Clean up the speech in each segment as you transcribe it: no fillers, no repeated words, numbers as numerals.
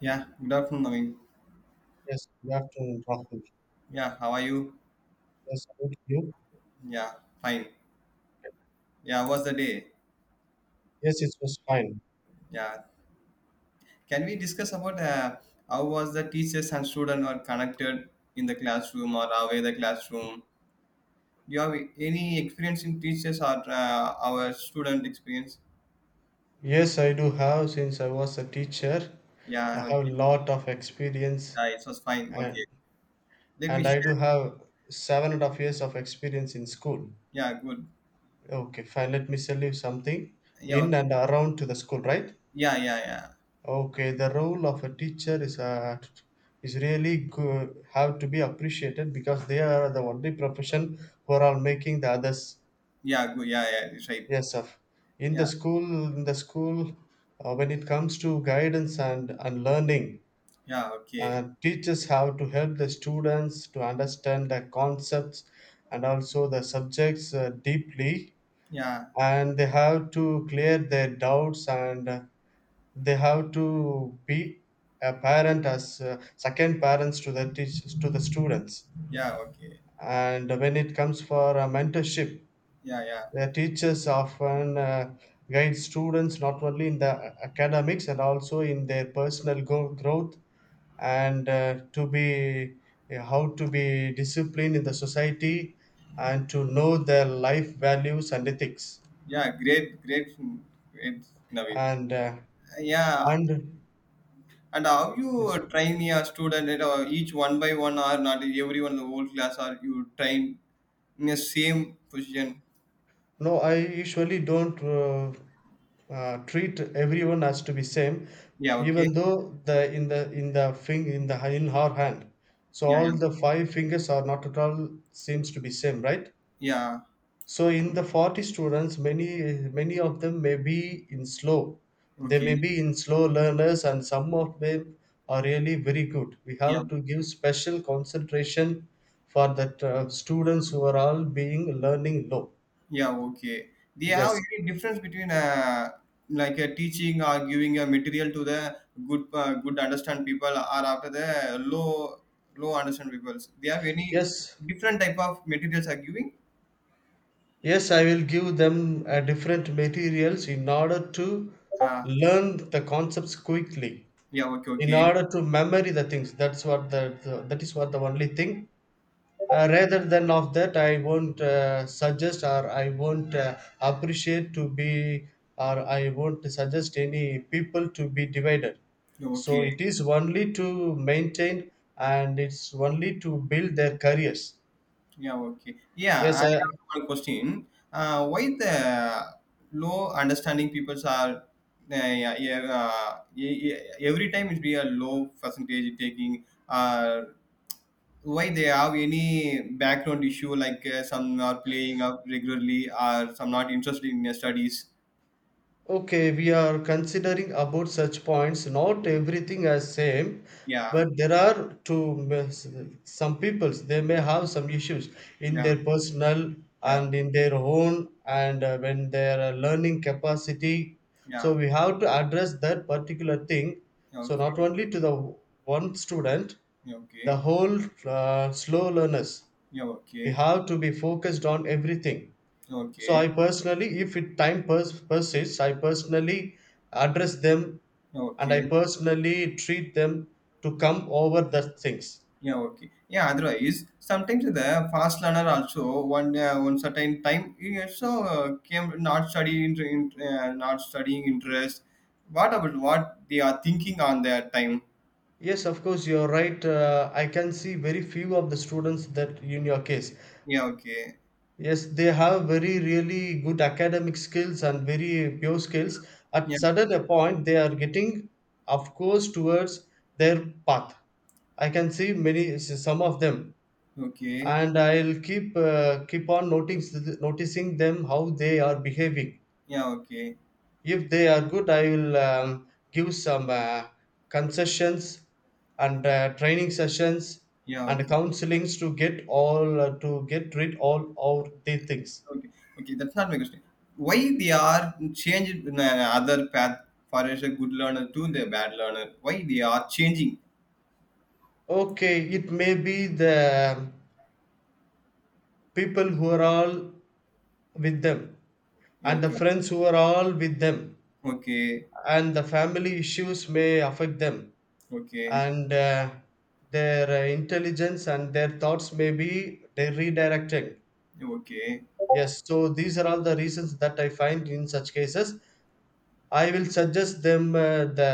Yeah, good afternoon, Naveen. Yes, good afternoon, Rahul. Yeah, how are you? Yes, good you. Yeah, fine. Yeah, how was the day? Yes, it was fine. Yeah, can we discuss about how was the teachers and student were connected in the classroom or away the classroom? Do you have any experience in teachers or our student experience? Yes, I do have since I was a teacher. I have Yeah, a okay. lot of experience Yeah, it was fine. and Okay, let me and I do share. have 7.5 years of experience in school. Yeah, good. Okay, fine. Let me tell you something Yeah, in okay. and around to the school, right? Yeah, yeah, yeah. Okay, the role of a teacher is really good, have to be appreciated because they are the only profession who are all making the others. Yeah, good. Yeah, yeah, it's right. Yes, sir. In the Yeah, school, in the school, when it comes to guidance and learning, yeah, okay. Teachers have to help the students to understand the concepts and also the subjects deeply, Yeah, and they have to clear their doubts and they have to be a parent as second parents to the teachers to the students. yeah, okay. And when it comes for mentorship, Yeah, yeah. the teachers often guide students not only in the academics and also in their personal growth and to be how to be disciplined in the society and to know their life values and ethics Yeah, great, great, great, Naveen. and uh, Yeah, and and how yes. you train your student? Each one by one, or not everyone, the whole class, or you train in the same position? No, I usually don't treat everyone as to be same, Yeah, okay. even though the in the thing in the in her hand. So Yeah, all yeah, the five fingers are not at all seems to be same, right? yeah, So in the 40 students, many of them may be in slow. They may okay. be in slow learners, and some of them are really very good. We Yeah, have to give special concentration for that students who are all being learning low. yeah, okay. They have Yes, any difference between like a teaching or giving a material to the good understand people, or after the low understand people. They have any yes. different type of materials are giving? Yes, I will give them different materials in order to Uh, learn the concepts quickly, yeah, okay, in okay. order to memory the things. That's what the that is what the only thing. Rather than of that, I won't suggest or I won't appreciate to be or I won't suggest any people to be divided. So Okay. it is only to maintain and it's only to build their careers. Yeah, okay. Yeah, I Yes, have I. one question. Why the low understanding peoples are yeah, yeah, every time it be a low percentage taking why they have any background issue like some are playing up regularly or some not interested in their studies. Okay, we are considering about such points. Not everything as same, Yeah, but there are two some peoples. They may have some issues in yeah, their personal yeah, and in their own, and when their learning capacity. So yeah. we have to address that particular thing. Yeah, So okay, not only to the one student, yeah, the okay, whole slow learners. yeah, We okay, have to be focused on everything. So I okay, personally, if it time persists, I personally address them yeah, and I okay. personally treat them to come over the things. Yeah, okay. Yeah, otherwise, sometimes the fast learner also one certain time he also came not studying not studying interest. What about what they are thinking on their time? Yes, of course, you're right. I can see very few of the students that in your case. Yeah, okay. Yes, they have very really good academic skills and very pure skills. At Yeah, sudden a point, they are getting, of course, towards their path. I can see many some of them okay. and I'll keep keep on noticing them how they are behaving. Yeah, okay. If they are good, I will give some concessions and training sessions Yeah, and okay. counselings to get all to get rid all of the things. Okay, okay. That's not my question. Why they are changed in other path for as a good learner to the bad learner? Why they are changing? Okay, it may be the people who are all with them Yeah, and the okay. friends who are all with them Okay. and the family issues may affect them Okay. and their intelligence and their thoughts may be they redirected. Yeah, okay. Yes, so these are all the reasons that I find in such cases. I will suggest them the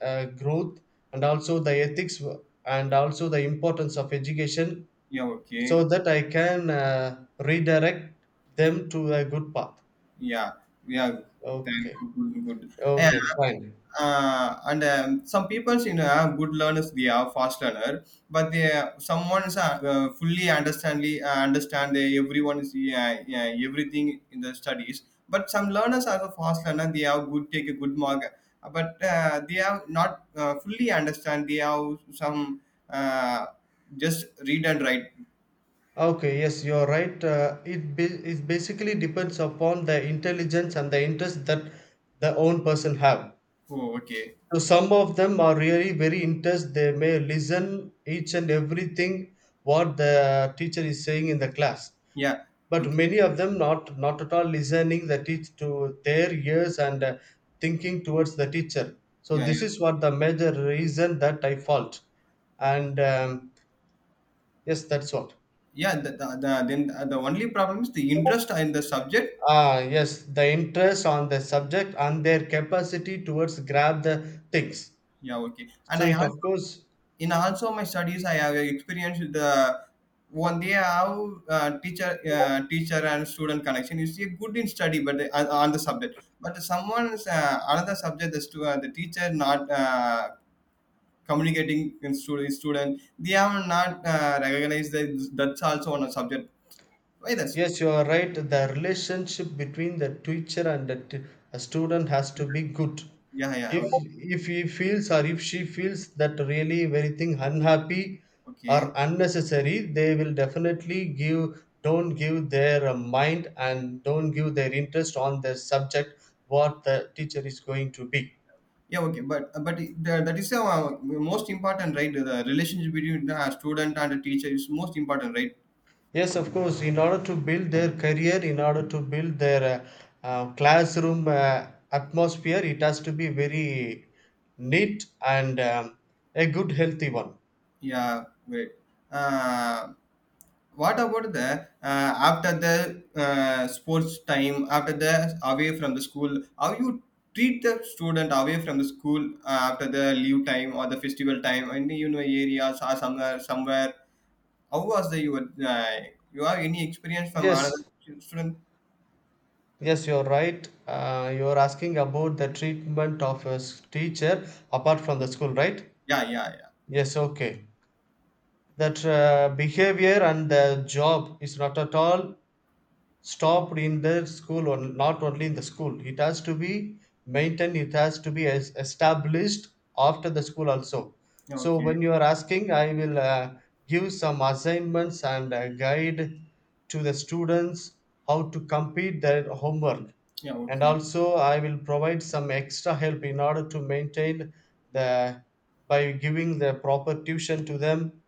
growth and also the ethics and also the importance of education Yeah, so okay. that I can redirect them to a good path. Yeah, yeah. Thank Okay. you. Good, good. And, Okay, fine. uh, and um, some people, are good learners. They are fast learner, but they someone's fully understandly understand they everyone is yeah, yeah, everything in the studies. But some learners are the fast learner. They have good take a good mark, but they have not fully understand. They have some uh, just read and write. Okay, yes, you're right. It basically depends upon the intelligence and the interest that the own person have. Oh, okay. So some of them are really very interest. They may listen each and everything what the teacher is saying in the class. Yeah. But Okay. many of them not at all listening the teach to their ears and thinking towards the teacher. So Yeah. this is what the major reason that I fault. And yes, that's what. Yeah, then the only problem is the interest in the subject. Ah, yes, the interest on the subject and their capacity towards grab the things. Yeah, okay. And So I it also, of course, in also my studies, I have experienced the one day how teacher and student connection is, see, good in study, but on the subject. But someone's another subject, the teacher not communicating in student, they have not recognized that that's also on a subject. Why that's yes, you are right. The relationship between the teacher and a student has to be good. yeah, yeah, If if he feels or if she feels that really very thing unhappy or okay. unnecessary, they will definitely give don't give their mind and don't give their interest on the subject what the teacher is going to be. Yeah, okay, but that is most important, right? The relationship between the student and the teacher is most important, right? Yes, of course, in order to build their career, in order to build their classroom atmosphere, it has to be very neat and a good, healthy one. Yeah, right. Uh, what about the after the sports time, after the away from the school, how you treat the student away from the school after the leave time or the festival time, any areas or somewhere? How was the your you have any experience from another Yes, student? yes, you're right. You're asking about the treatment of a teacher apart from the school, right? Yeah, yeah, yeah. Yes, okay. That behavior and the job is not at all stopped in the school or not only in the school, it has to be maintained, it has to be established after the school also. Yeah, So okay. when you are asking, I will give some assignments and a guide to the students how to complete their homework, Yeah, and okay. also I will provide some extra help in order to maintain the by giving the proper tuition to them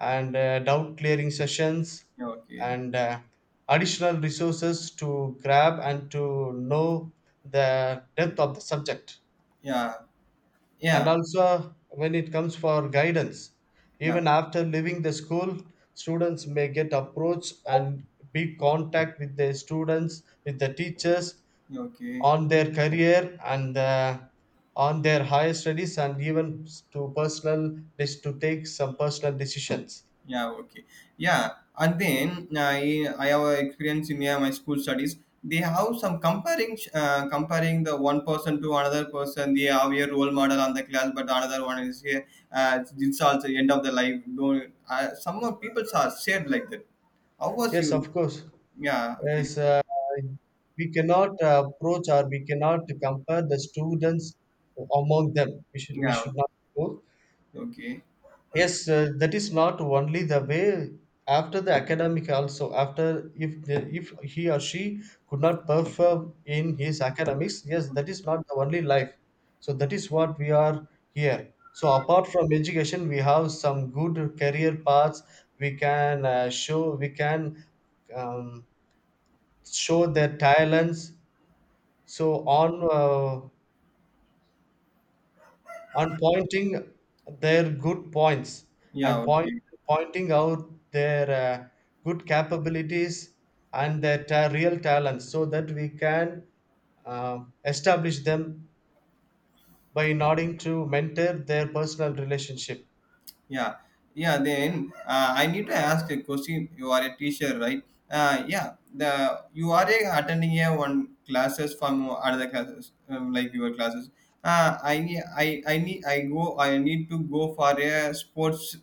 and doubt clearing sessions Yeah, okay. and additional resources to grab and to know the depth of the subject. Yeah, And yeah, also when it comes for guidance yeah, even after leaving the school, students may get approach and be contact with the students with the teachers yeah, okay, on their career and on their higher studies and even to take some personal decisions. yeah, okay, yeah, and then I have a experience in, yeah, my school studies. They have some comparing the one person to another person. They have a role model on the class, but another one is here. It's also end of the life, don't some of people are shared like that. How was Yes, you? of course. Yeah, okay, Yes, we cannot approach or we cannot compare the students among them. We should, we yeah, should not do. okay, Yes, that is not only the way after the academic also, after if the, if he or she could not perform in his academics, yes, that is not the only life. So that is what we are here. So apart from education, we have some good career paths. We can show we can um, show their talents, so on pointing their good points yeah, and okay. pointing out their good capabilities and their real talents, so that we can uh, establish them by nodding to mentor their personal relationship. Yeah, yeah. Then I need to ask a question. You are a teacher, right? Yeah. The you are a, attending a one classes from other classes like your classes. I need to go for a sports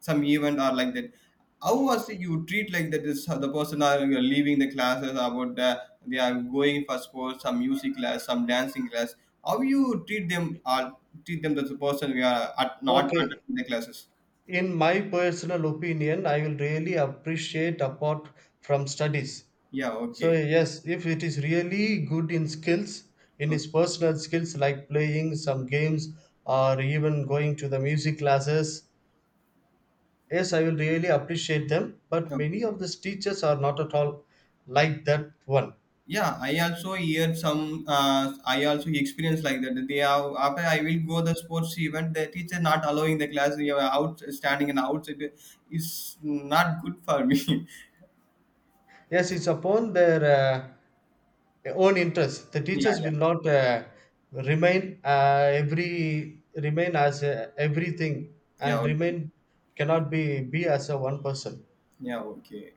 some event or like that. How was it you treat like that? Is how the person are you are leaving the classes about they are going for sports, some music class, some dancing class. How you treat them or treat them as a person we are at, not Okay, attending the classes? in my personal opinion, I will really appreciate apart from studies. Yeah, So okay. yes, if it is really good in skills, in Okay. his personal skills like playing some games or even going to the music classes, yes, I will really appreciate them. But Um, many of these teachers are not at all like that one. Yeah, I also hear some, I also experience like that. They have, after I will go the sports event, the teacher not allowing the class, you are out standing and outside is not good for me. Yes, it's upon their own interest. The Yeah, teachers yeah, will not remain uh, remain as everything yeah, and okay. remain cannot be be as a one person. Yeah, okay.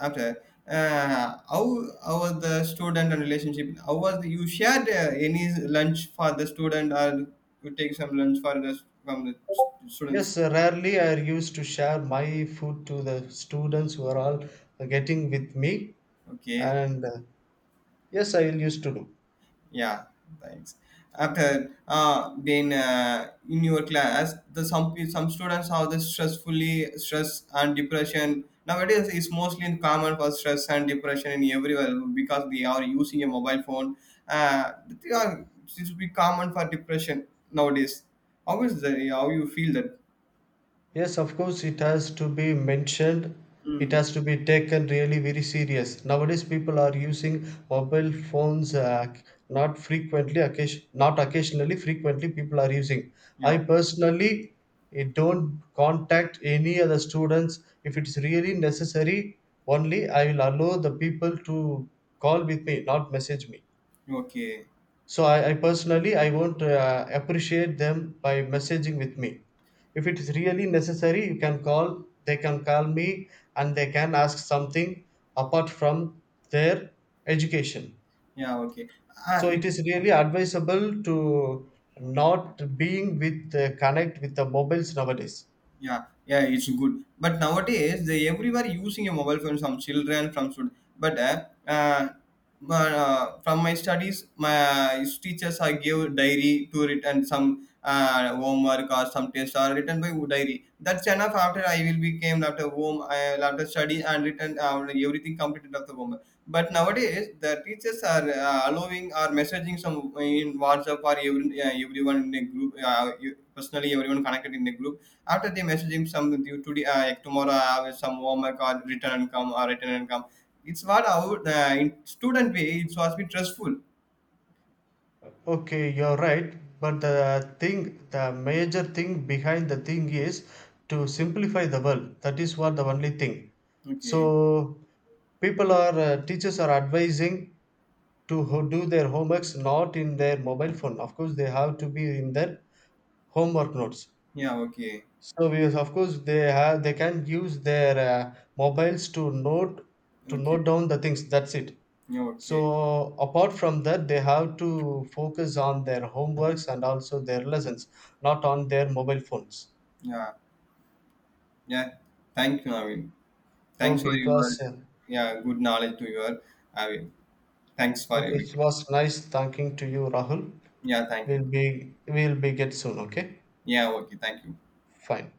After, uh, how, how was the student and relationship? How was, you shared any lunch for the student or you take some lunch for from the students? Yes, rarely I used to share my food to the students who are all getting with me, Okay. and yes, I will used to do. Yeah, thanks. After then In your class, the some students have the stress and depression. Nowadays, it's mostly common for stress and depression in everywhere because they are using a mobile phone. They are It should be common for depression nowadays. How is the How you feel that? Yes, of course, it has to be mentioned. It Mm. has to be taken really very serious. Nowadays, people are using mobile phones not frequently, not occasionally. Frequently, people are using. I Yeah. personally don't contact any other students if it's really necessary. Only I will allow the people to call with me, not message me. Okay. So I personally I won't appreciate them by messaging with me. If it is really necessary, you can call. They can call me and they can ask something apart from their education. Yeah. Okay. So Uh, it is really advisable to not being with connect with the mobiles nowadays. Yeah, yeah, it's good. But nowadays, they everybody using a mobile phone. Some children, from student. But from my studies, my teachers I give diary to write, and some homework or some tests are written by diary. That's enough. After I will became after home, I will after study and written everything completed after homework. But nowadays, the teachers are allowing or messaging some in WhatsApp or everyone in a group. Personally, everyone connected in a group after they message him some due today, like tomorrow I have some homework or return and come or return and come. It's what our in student way. It was be trustful. Okay, you're right. But the thing, the major thing behind the thing is to simplify the world. That is what the only thing. Okay. So people are, teachers are advising to do their homeworks not in their mobile phone. Of course, they have to be in their homework notes. Yeah. Okay. So we, of course, they have they can use their mobiles to Okay. note down the things. That's it. Yeah. Okay. So apart from that, they have to focus on their homeworks and also their lessons, not on their mobile phones. Yeah. Yeah. Thank you, Navin. Thanks for Okay, it was your, yeah, good knowledge to your, Navin. Thanks for okay, your, it was nice talking to you, Rahul. yeah. Thank we'll you. be we'll be get soon. Okay, Yeah. Okay. Thank you. fine.